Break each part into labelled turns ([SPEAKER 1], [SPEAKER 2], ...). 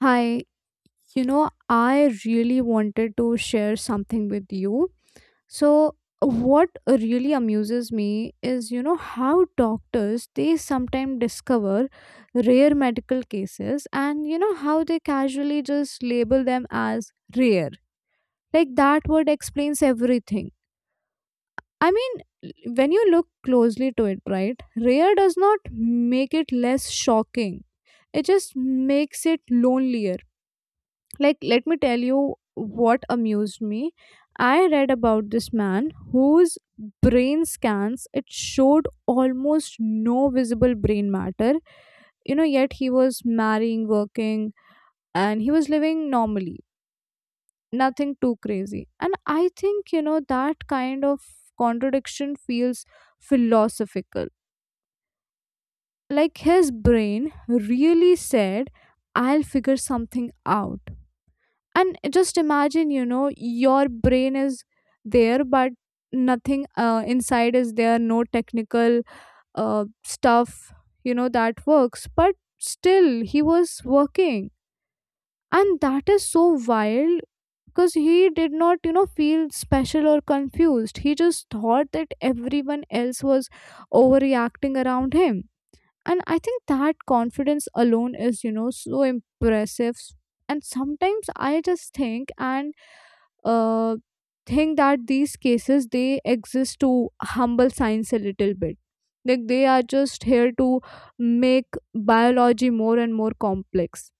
[SPEAKER 1] Hi, you know, I really wanted to share something with you. So, what really amuses me is, you know, how doctors they sometimes discover rare medical cases and, you know, how they casually just label them as rare. Like that word explains everything. I mean, when you look closely to it, right, rare does not make it less shocking, it just makes it lonelier. Like, let me tell you what amused me. I read about this man whose brain scans it showed almost no visible brain matter, you know, yet he was marrying, working, and he was living normally, nothing too crazy. And I think, you know, that kind of contradiction feels philosophical. Like, his brain really said, I'll figure something out. And just imagine, you know, your brain is there but nothing inside is there, no technical stuff, you know, that works, but still he was working. And that is so wild because he did not, you know, feel special or confused. He just thought that everyone else was overreacting around him. And I think that confidence alone is, you know, so impressive. And sometimes I just think and uh think that these cases they exist to humble science a little bit. Like they are just here to make biology more and more complex.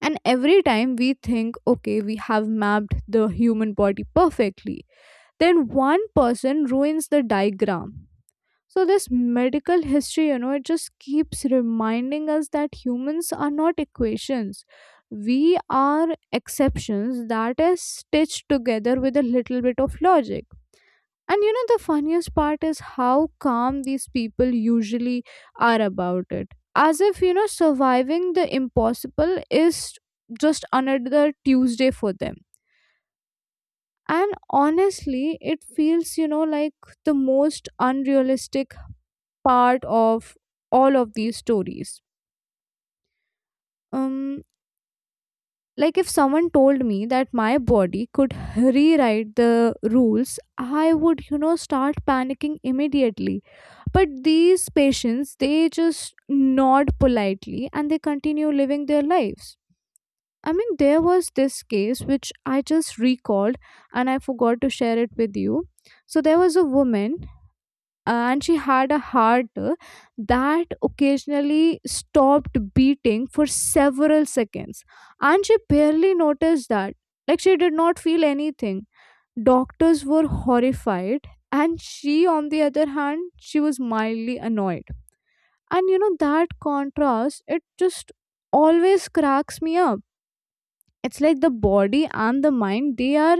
[SPEAKER 1] And every time we think, okay, we have mapped the human body perfectly, then one person ruins the diagram. So this medical history, you know, it just keeps reminding us that humans are not equations. We are exceptions that is stitched together with a little bit of logic. And you know the funniest part is how calm these people usually are about it, as if, you know, surviving the impossible is just another Tuesday for them. And honestly, it feels, you know, like the most unrealistic part of all of these stories. um like if someone told me that my body could rewrite the rules, I would, you know, start panicking immediately. But these patients they just nod politely and they continue living their lives. I mean, there was this case which I just recalled and I forgot to share it with you. So there was a woman. And she had a heart, that occasionally stopped beating for several seconds, and she barely noticed that. Like she did not feel anything. Doctors were horrified, and she, on the other hand, she was mildly annoyed. And you know that contrast, it just always cracks me up. It's like the body and the mind, they are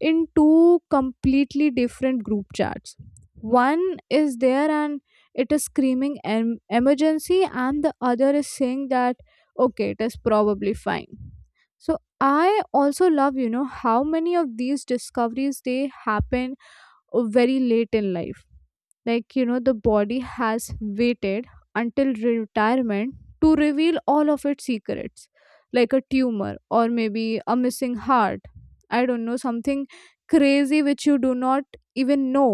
[SPEAKER 1] in two completely different group chats. One is there and it is screaming emergency, and the other is saying that, okay, it is probably fine. So I also love, you know, how many of these discoveries they happen very late in life. Like, you know, the body has waited until retirement to reveal all of its secrets. Like a tumor, or maybe a missing heart, I don't know, something crazy which you do not even know,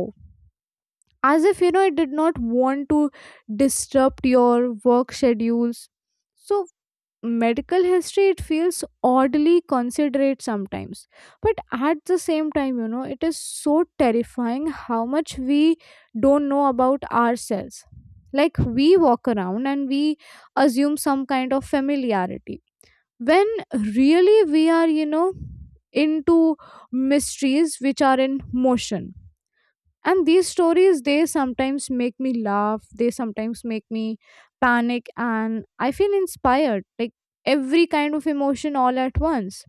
[SPEAKER 1] as if, you know, it did not want to disrupt your work schedules. So medical history, it feels oddly considerate sometimes. But at the same time, you know, it is so terrifying how much we don't know about ourselves. Like we walk around and we assume some kind of familiarity when really we are, you know, into mysteries which are in motion. And these stories, they sometimes make me laugh, they sometimes make me panic, and I feel inspired, like every kind of emotion all at once.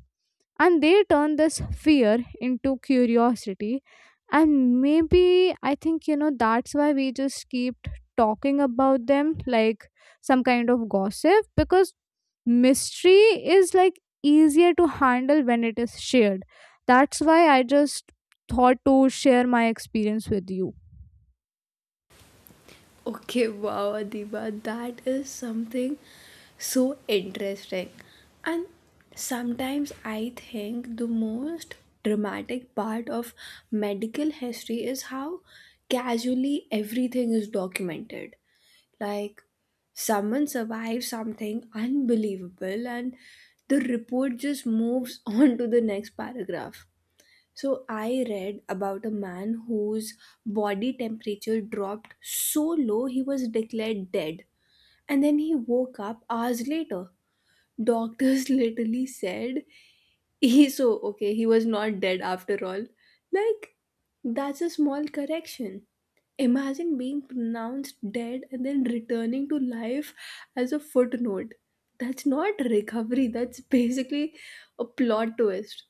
[SPEAKER 1] And they turn this fear into curiosity. And maybe I think, you know, that's why we just keep talking about them, like some kind of gossip, because mystery is like easier to handle when it is shared. That's why I just thought to share my experience with you.
[SPEAKER 2] Okay, wow, Adiba, that is something so interesting. And sometimes I think the most dramatic part of medical history is how casually everything is documented. Like, someone survives something unbelievable, and the report just moves on to the next paragraph. So I read about a man whose body temperature dropped so low he was declared dead. And then he woke up hours later. Doctors literally said he so okay, he was not dead after all. Like that's a small correction. Imagine being pronounced dead and then returning to life as a footnote. That's not recovery, that's basically a plot twist.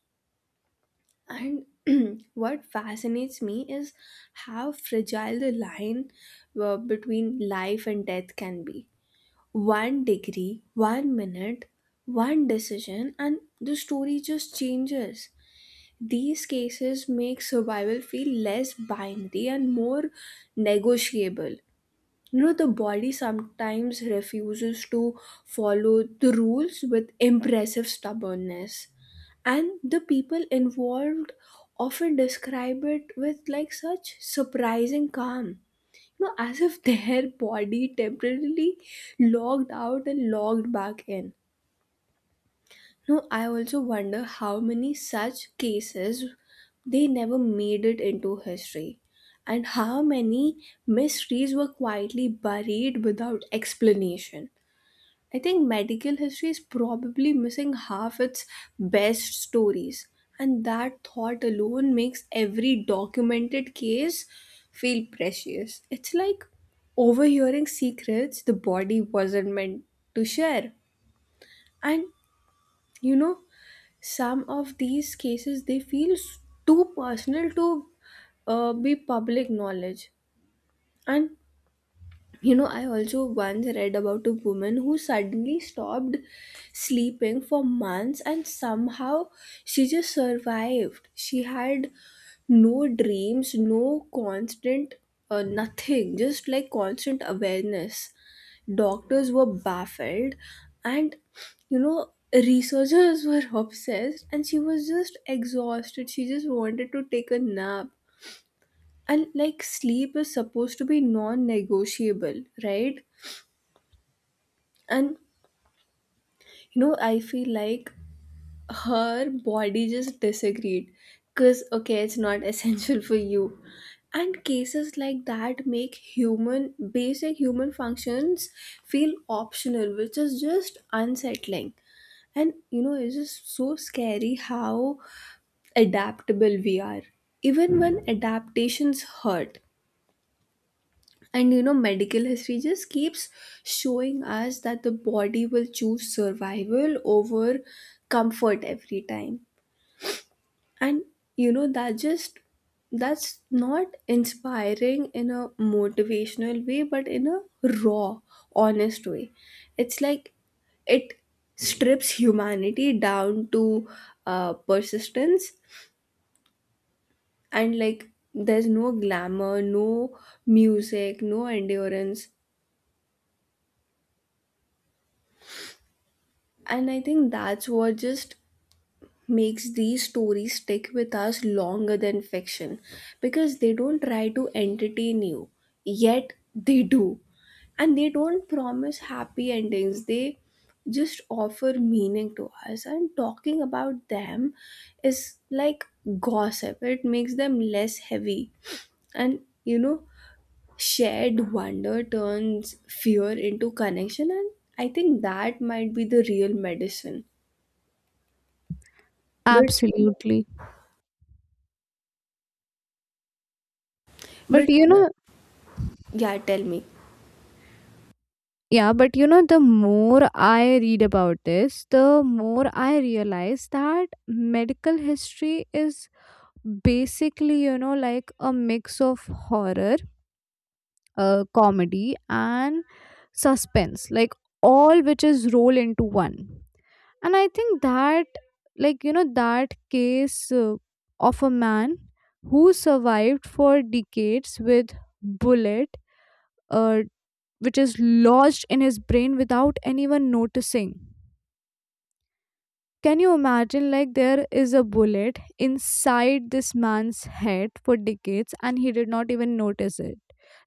[SPEAKER 2] And what fascinates me is how fragile the line between life and death can be. One degree, 1 minute, one decision, and the story just changes. These cases make survival feel less binary and more negotiable. You know, the body sometimes refuses to follow the rules with impressive stubbornness, and the people involved often describe it with like such surprising calm, you know, as if their body temporarily logged out and logged back in. No, I also wonder how many such cases they never made it into history and how many mysteries were quietly buried without explanation. I think medical history is probably missing half its best stories, and that thought alone makes every documented case feel precious. It's like overhearing secrets the body wasn't meant to share. And you know, some of these cases they feel s- too personal to be public knowledge. And you know, I also once read about a woman who suddenly stopped sleeping for months and somehow she just survived. She had no dreams, no constant, nothing, just like constant awareness. Doctors were baffled, and you know, researchers were obsessed, and she was just exhausted. She just wanted to take a nap. And like sleep is supposed to be non negotiable, right? And you know, I feel like her body just disagreed because okay, it's not essential for you. And cases like that make human basic human functions feel optional, which is just unsettling. And you know, it's just so scary how adaptable we are, even when adaptations hurt. And you know, medical history just keeps showing us that the body will choose survival over comfort every time. And you know, that just that's not inspiring in a motivational way, but in a raw, honest way. It's like it strips humanity down to persistence, and like there's no glamour, no music, no endurance. And I think that's what just makes these stories stick with us longer than fiction because they don't try to entertain you, yet they do. And they don't promise happy endings, they just offer meaning to us. And talking about them is like gossip, it makes them less heavy. And you know, shared wonder turns fear into connection, and I think that might be the real medicine. But
[SPEAKER 1] Absolutely. But
[SPEAKER 2] But
[SPEAKER 1] you Yeah. know,
[SPEAKER 2] yeah, tell me.
[SPEAKER 1] yeah, but you know, the more I read about this, the more I realize that medical history is basically, you know, like a mix of horror, comedy, and suspense, like all which is rolled into one. And I think that, like, you know, that case of a man who survived for decades with bullet uh, which is lodged in his brain without anyone noticing. Can you imagine? Like, there is a bullet inside this man's head for decades, and he did not even notice it.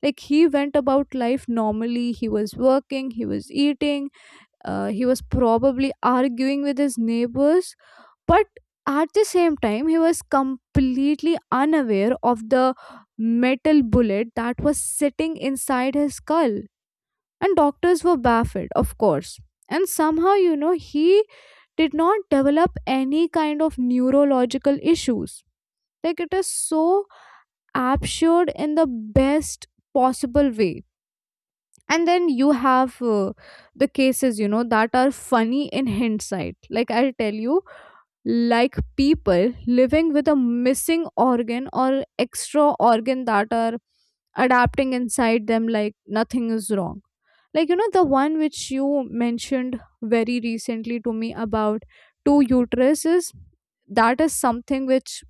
[SPEAKER 1] Like, he went about life normally. He was working, he was eating, he was probably arguing with his neighbors, but at the same time, he was completely unaware of the metal bullet that was sitting inside his skull. And doctors were baffled, of course. And somehow, you know, he did not develop any kind of neurological issues. Like it is so absurd in the best possible way. And then you have the cases, you know, that are funny in hindsight. Like I'll tell you, like people living with a missing organ or extra organ that are adapting inside them like nothing is wrong. Like, you know, the one which you mentioned very recently to me about two uteruses, that is something which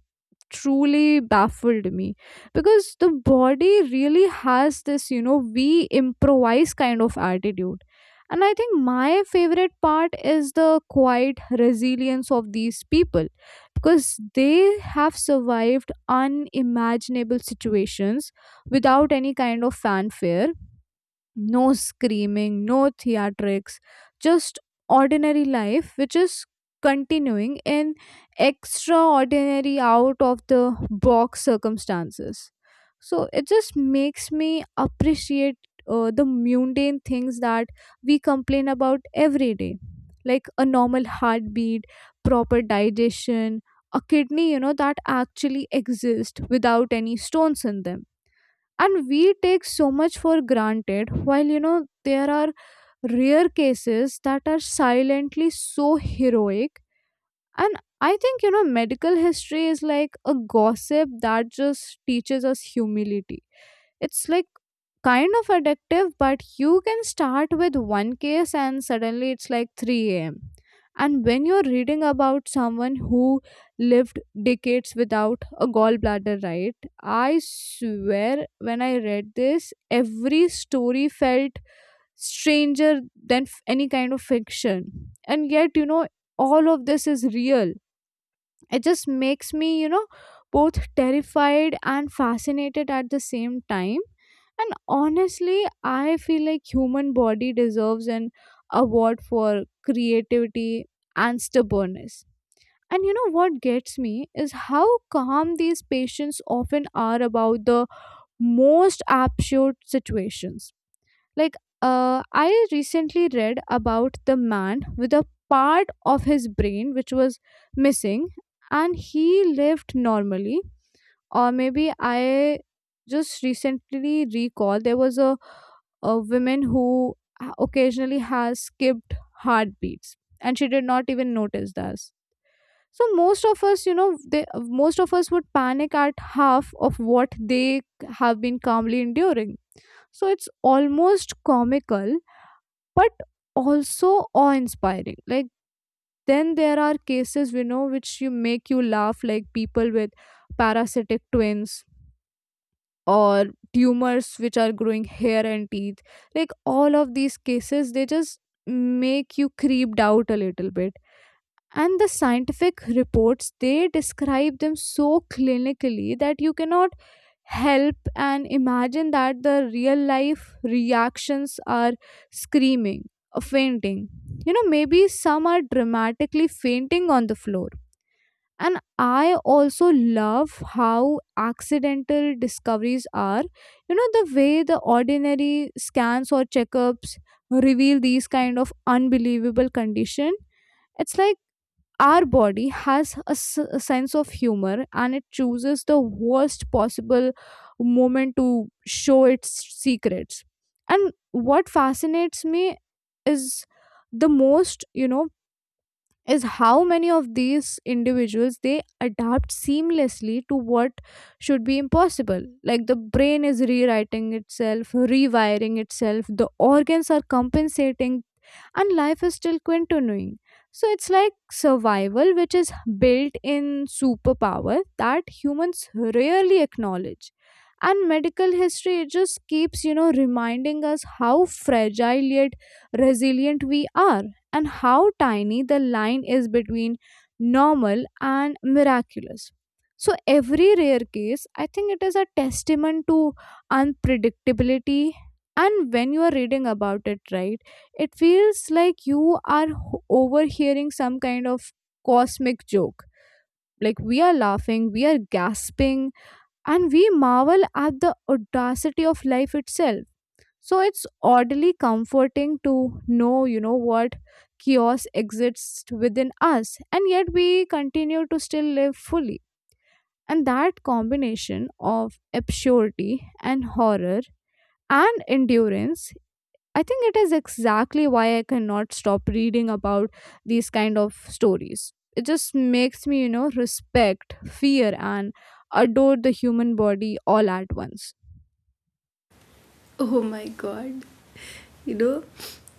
[SPEAKER 1] truly baffled me. Because the body really has this, you know, we improvise kind of attitude. And I think my favorite part is the quiet resilience of these people, because they have survived unimaginable situations without any kind of fanfare. No screaming, no theatrics, just ordinary life, which is continuing in extraordinary, out of the box circumstances. So it just makes me appreciate the mundane things that we complain about every day, like a normal heartbeat, proper digestion, a kidney, you know, that actually exist without any stones in them. And we take so much for granted while, you know, there are rare cases that are silently so heroic. And I think, you know, medical history is like a gossip that just teaches us humility. It's like kind of addictive, but you can start with one case and suddenly it's like 3 a.m. And when you're reading about someone who lived decades without a gallbladder, right? I swear, when I read this, every story felt stranger than any kind of fiction. And yet, you know, all of this is real. It just makes me, you know, both terrified and fascinated at the same time. And honestly, I feel like human body deserves an award for creativity and stubbornness. And you know what gets me is how calm these patients often are about the most absurd situations. Like, I recently read about the man with a part of his brain which was missing, and he lived normally. Or maybe I just recently recall there was a woman who occasionally has skipped heartbeats and she did not even notice that. So most of us, you know, most of us would panic at half of what they have been calmly enduring. So it's almost comical but also awe-inspiring. Like then there are cases we know which you make you laugh, like people with parasitic twins or tumors which are growing hair and teeth. Like all of these cases, they just make you creeped out a little bit. And the scientific reports they describe them so clinically that you cannot help and imagine that the real life reactions are screaming or fainting. You know, maybe some are dramatically fainting on the floor. And I also love how accidental discoveries are. You know, the way the ordinary scans or checkups reveal these kind of unbelievable condition. It's like our body has a sense of humor and it chooses the worst possible moment to show its secrets. And what fascinates me is the most, you know, is how many of these individuals they adapt seamlessly to what should be impossible. Like the brain is rewriting itself, rewiring itself, the organs are compensating, and life is still continuing. So it's like survival, which is built in superpower that humans rarely acknowledge. And medical history, it just keeps, you know, reminding us how fragile yet resilient we are, and how tiny the line is between normal and miraculous. So, every rare case, I think it is a testament to unpredictability. And when you are reading about it, right? It feels like you are overhearing some kind of cosmic joke. Like we are laughing, we are gasping, and we marvel at the audacity of life itself. So it's oddly comforting to know, you know, what chaos exists within us, and yet we continue to still live fully. And that combination of absurdity and horror and endurance, I think it is exactly why I cannot stop reading about these kind of stories. It just makes me, you know, respect, fear, and adore the human body all at once.
[SPEAKER 2] Oh my god. You know,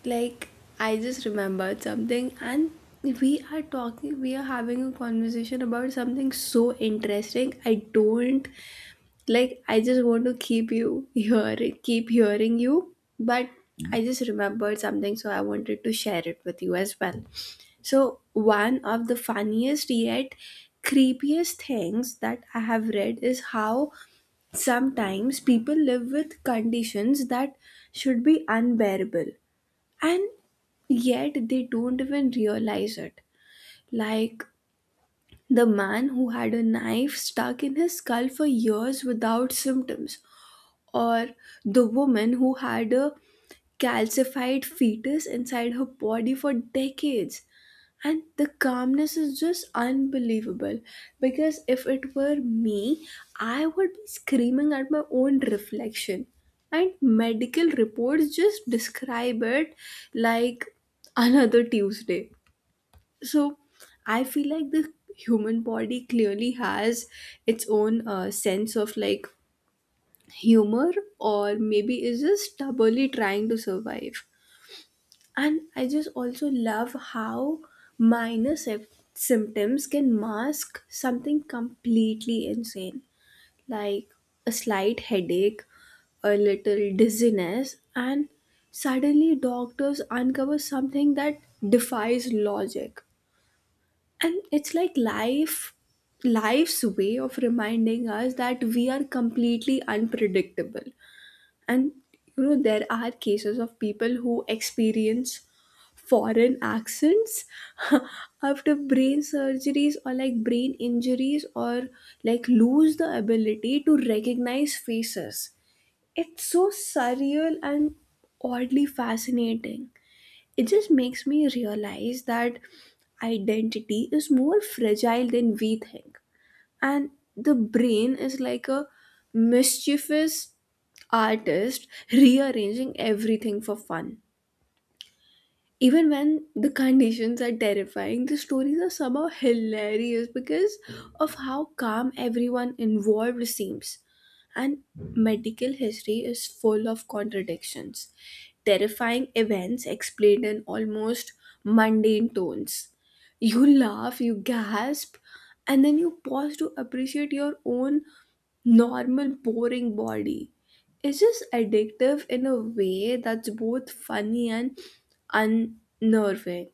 [SPEAKER 2] like I just remembered something and we are talking, we are having a conversation about something so interesting. I don't like I just want to keep you here, keep hearing you, but I just remembered something so I wanted to share it with you as well. So, one of the funniest yet creepiest things that I have read is how sometimes people live with conditions that should be unbearable and yet they don't even realize it. Like the man who had a knife stuck in his skull for years without symptoms, or the woman who had a calcified fetus inside her body for decades. And the calmness is just unbelievable because if it were me, I would be screaming at my own reflection. And medical reports just describe it like another Tuesday. So I feel like the human body clearly has its own sense of like humor, or maybe is just stubbornly trying to survive. And I just also love how minor sy- symptoms can mask something completely insane, like a slight headache, a little dizziness, and suddenly doctors uncover something that defies logic. And it's like life's way of reminding us that we are completely unpredictable. And you know, there are cases of people who experience foreign accents after brain surgeries or like brain injuries, or like lose the ability to recognize faces. It's so surreal and oddly fascinating. It just makes me realize that identity is more fragile than we think. And the brain is like a mischievous artist rearranging everything for fun. Even when the conditions are terrifying, the stories are somehow hilarious because of how calm everyone involved seems. And medical history is full of contradictions, terrifying events explained in almost mundane tones. You laugh, you gasp, and then you pause to appreciate your own normal boring body. It's just addictive in a way that's both funny and unnerving.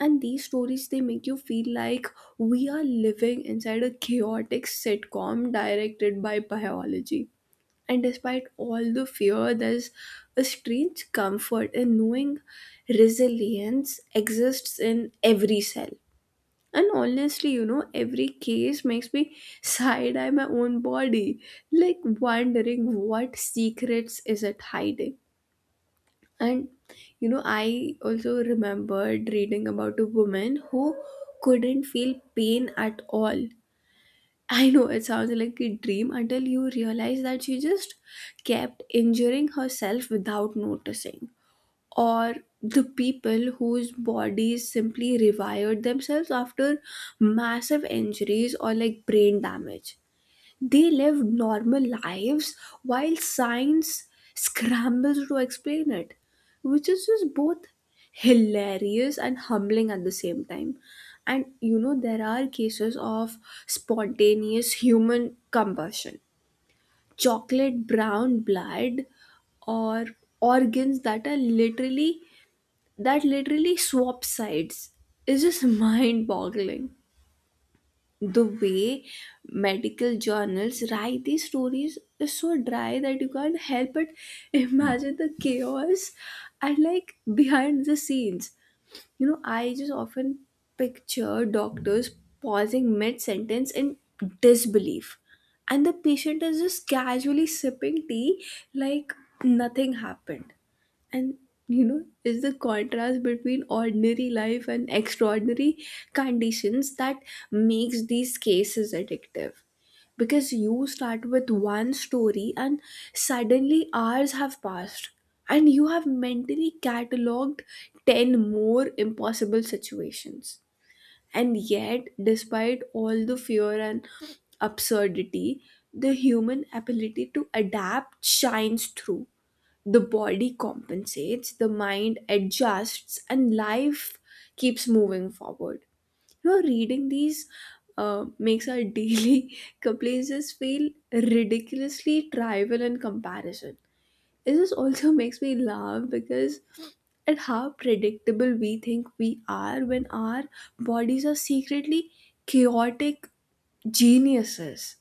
[SPEAKER 2] And these stories they make you feel like we are living inside a chaotic sitcom directed by biology. And despite all the fear, there's a strange comfort in knowing resilience exists in every cell. And honestly, you know, every case makes me side eye my own body, like wondering what secrets is it hiding. And you know, I also remembered reading about a woman who couldn't feel pain at all. I know it sounds like a dream until you realize that she just kept injuring herself without noticing, or the people whose bodies simply rewired themselves after massive injuries or like brain damage. They live normal lives while science scrambles to explain it, which is just both hilarious and humbling at the same time. And you know, there are cases of spontaneous human combustion, chocolate brown blood, or organs that are literally that literally swap sides is just mind boggling. The way medical journals write these stories is so dry that you can't help but imagine the chaos and like behind the scenes. You know, I just often picture doctors pausing mid sentence in disbelief, and the patient is just casually sipping tea like nothing happened. And you know, is the contrast between ordinary life and extraordinary conditions that makes these cases addictive, because you start with one story and suddenly hours have passed and you have mentally cataloged 10 more impossible situations. And yet despite all the fear and absurdity, the human ability to adapt shines through. The body compensates, the mind adjusts, and life keeps moving forward. You know, reading these makes our daily complaints feel ridiculously trivial in comparison. It just also makes me laugh because at how predictable we think we are when our bodies are secretly chaotic geniuses.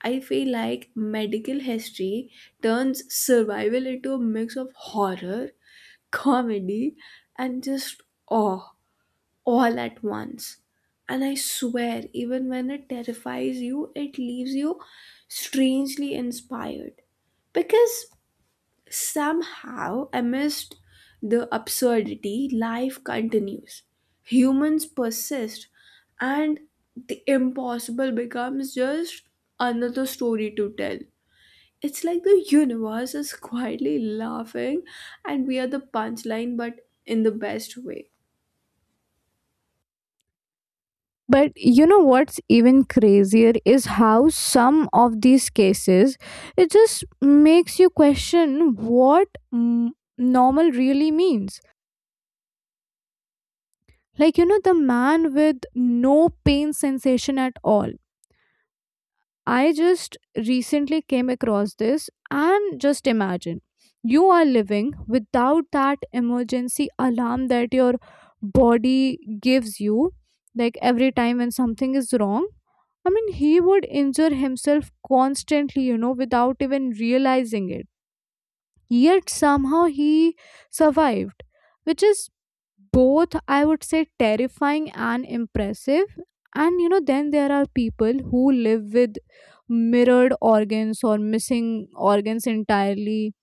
[SPEAKER 2] I feel like medical history turns survival into a mix of horror, comedy, and just awe all at once. And I swear, even when it terrifies you, it leaves you strangely inspired. Because somehow, amidst the absurdity, life continues. Humans persist, and the impossible becomes just another story to tell. It's like the universe is quietly laughing, and we are the punchline, but in the best way.
[SPEAKER 1] But you know what's even crazier is how some of these cases, it just makes you question what, mm, normal really means. Like, you know, the man with no pain sensation at all I just recently came across this and just imagine you are living without that emergency alarm that your body gives you like every time when something is wrong. I mean, he would injure himself constantly, you know, without even realizing it. Yet somehow he survived, which is both, I would say, terrifying and impressive. And you know, then there are people who live with mirrored organs or missing organs entirely,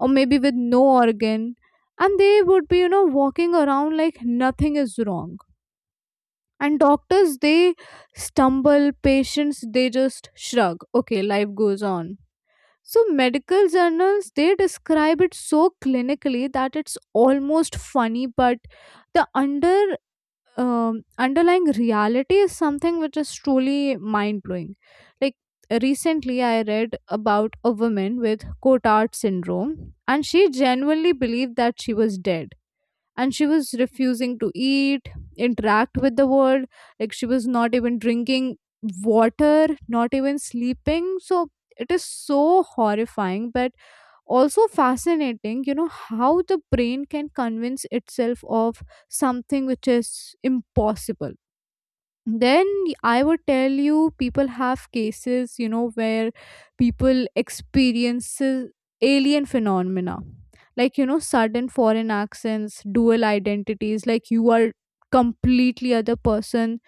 [SPEAKER 1] or maybe with no organ, and they would be, you know, walking around like nothing is wrong. And doctors, they stumble, patients, they just shrug. Okay, life goes on. So medical journals they describe it so clinically that it's almost funny, but the underlying reality is something which is truly mind blowing. Like recently, I read about a woman with Cotard syndrome, and she genuinely believed that she was dead and she was refusing to eat interact with the world, like she was not even drinking water, not even sleeping. So it is so horrifying but also fascinating, you know, how the brain can convince itself of something which is impossible. Then I would tell you people have cases, you know, where people experiences alien phenomena, like you know sudden foreign accents, dual identities, like you are completely other person.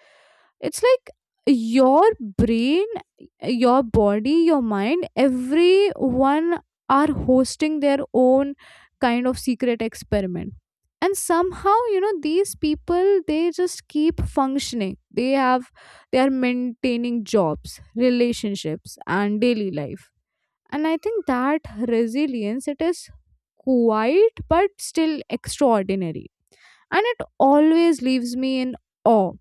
[SPEAKER 1] It's like your brain, your body, your mind, everyone are hosting their own kind of secret experiment. And somehow, you know, these people they just keep functioning, they have they are maintaining jobs, relationships, and daily life. And I think that resilience, it is quite but still extraordinary. And it always leaves me in awe.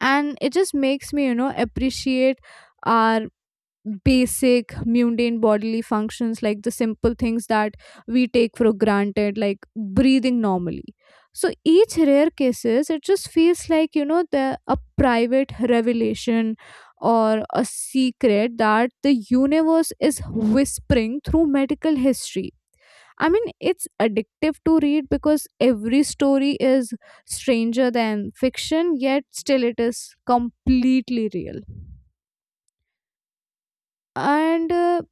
[SPEAKER 1] And it just makes me, you know, appreciate our basic mundane bodily functions, like the simple things that we take for granted, like breathing normally. So each rare cases it just feels like, you know, the a private revelation, or a secret that the universe is whispering through medical history. I mean it's addictive to read because every story is stranger than fiction, yet still it is completely real. And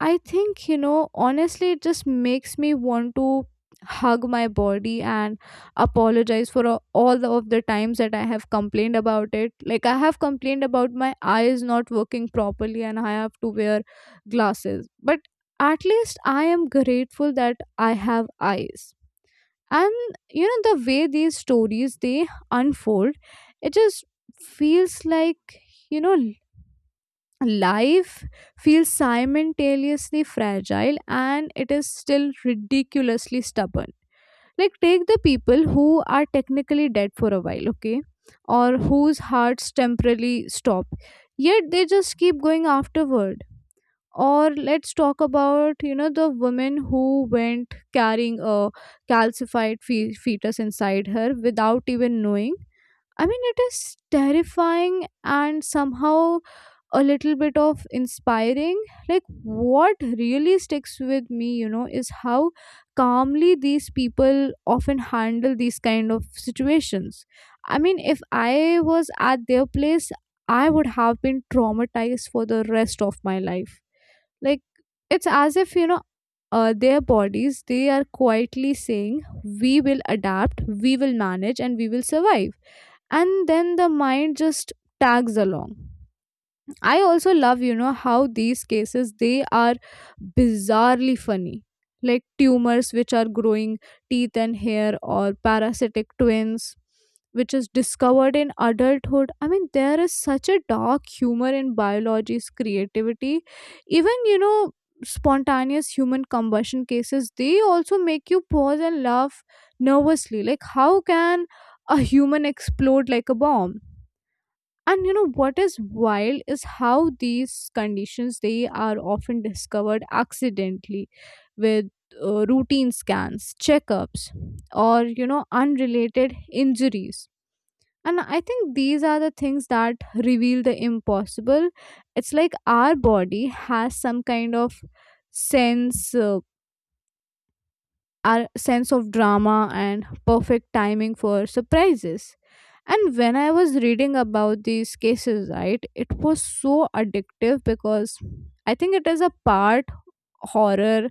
[SPEAKER 1] I think, you know, honestly, it just makes me want to hug my body and apologize for all of the times that I have complained about it. Like, I have complained about my eyes not working properly and I have to wear glasses. But at least I am grateful that I have eyes. And, you know, the way these stories, they unfold, it just feels like, you know, life feels simultaneously fragile and it is still ridiculously stubborn. Like, take the people who are technically dead for a while, okay, or whose hearts temporarily stop, yet they just keep going afterward. Or let's talk about, you know, the woman who went carrying a calcified fetus inside her without even knowing. I mean, it is terrifying and somehow a little bit of inspiring. Like what really sticks with me, you know, is how calmly these people often handle these kind of situations. I mean if I was at their place, I would have been traumatized for the rest of my life. Like it's as if, you know, their bodies they are quietly saying we will adapt, we will manage, and we will survive. And then the mind just tags along. I also love, you know, how these cases they are bizarrely funny. Like tumors which are growing teeth and hair, or parasitic twins which is discovered in adulthood. I mean there is such a dark humor in biology's creativity. Even, you know, spontaneous human combustion cases they also make you pause and laugh nervously. Like how can a human explode like a bomb? And you know what is wild is how these conditions they are often discovered accidentally, with routine scans, checkups, or you know unrelated injuries. And I think these are the things that reveal the impossible. It's like our body has some kind of sense our sense of drama and perfect timing for surprises. And when I was reading about these cases, right, it was so addictive because I think it is a part horror,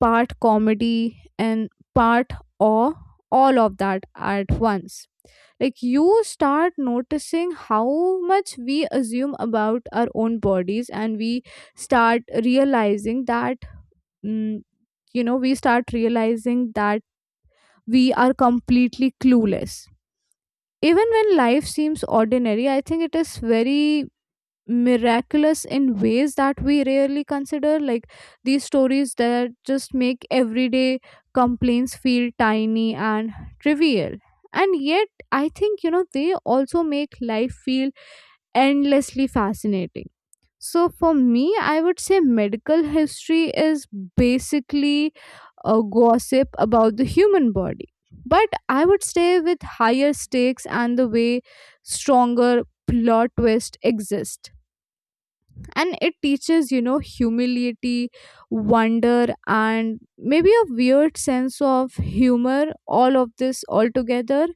[SPEAKER 1] part comedy, and part awe, all of that at once. Like you start noticing how much we assume about our own bodies, and we start realizing that, mm, you know, we start realizing that we are completely clueless. Even when life seems ordinary, I think it is very miraculous in ways that we rarely consider. Like these stories that just make everyday complaints feel tiny and trivial. And yet, I think, you know, they also make life feel endlessly fascinating. So for me, I would say medical history is basically a gossip about the human body. But I would stay with higher stakes and the way stronger plot twist exist. And it teaches, you know, humility, wonder, and maybe a weird sense of humor, all of this all together.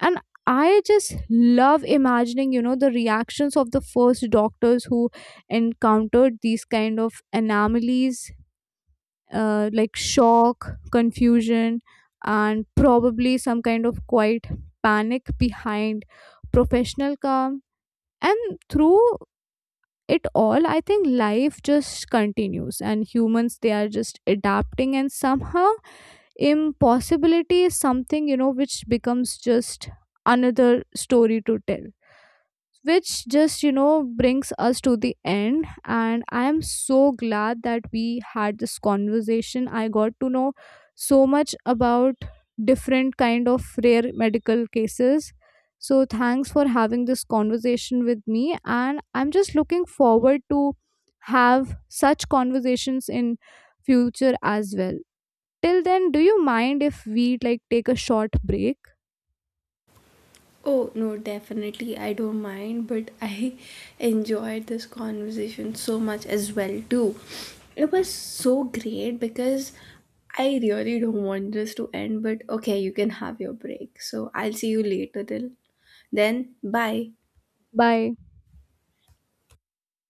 [SPEAKER 1] And I just love imagining, you know, the reactions of the first doctors who encountered these kind of anomalies, like shock, confusion, and probably some kind of quiet panic behind professional calm. And through it all, I think life just continues, and humans they are just adapting, and somehow impossibility is something, you know, which becomes just another story to tell. Which just, you know, brings us to the end, and I am so glad that we had this conversation. I got to know so much about different kind of rare medical cases. So thanks for having this conversation with me, and I'm just looking forward to have such conversations in future as well. Till then, do you mind if we like take a short break?
[SPEAKER 2] Oh, no, definitely. I don't mind, but I enjoyed this conversation so much as well too. It was so great because I really don't want this to end, but okay, you can have your break. So I'll see you later till then. Bye.
[SPEAKER 1] Bye.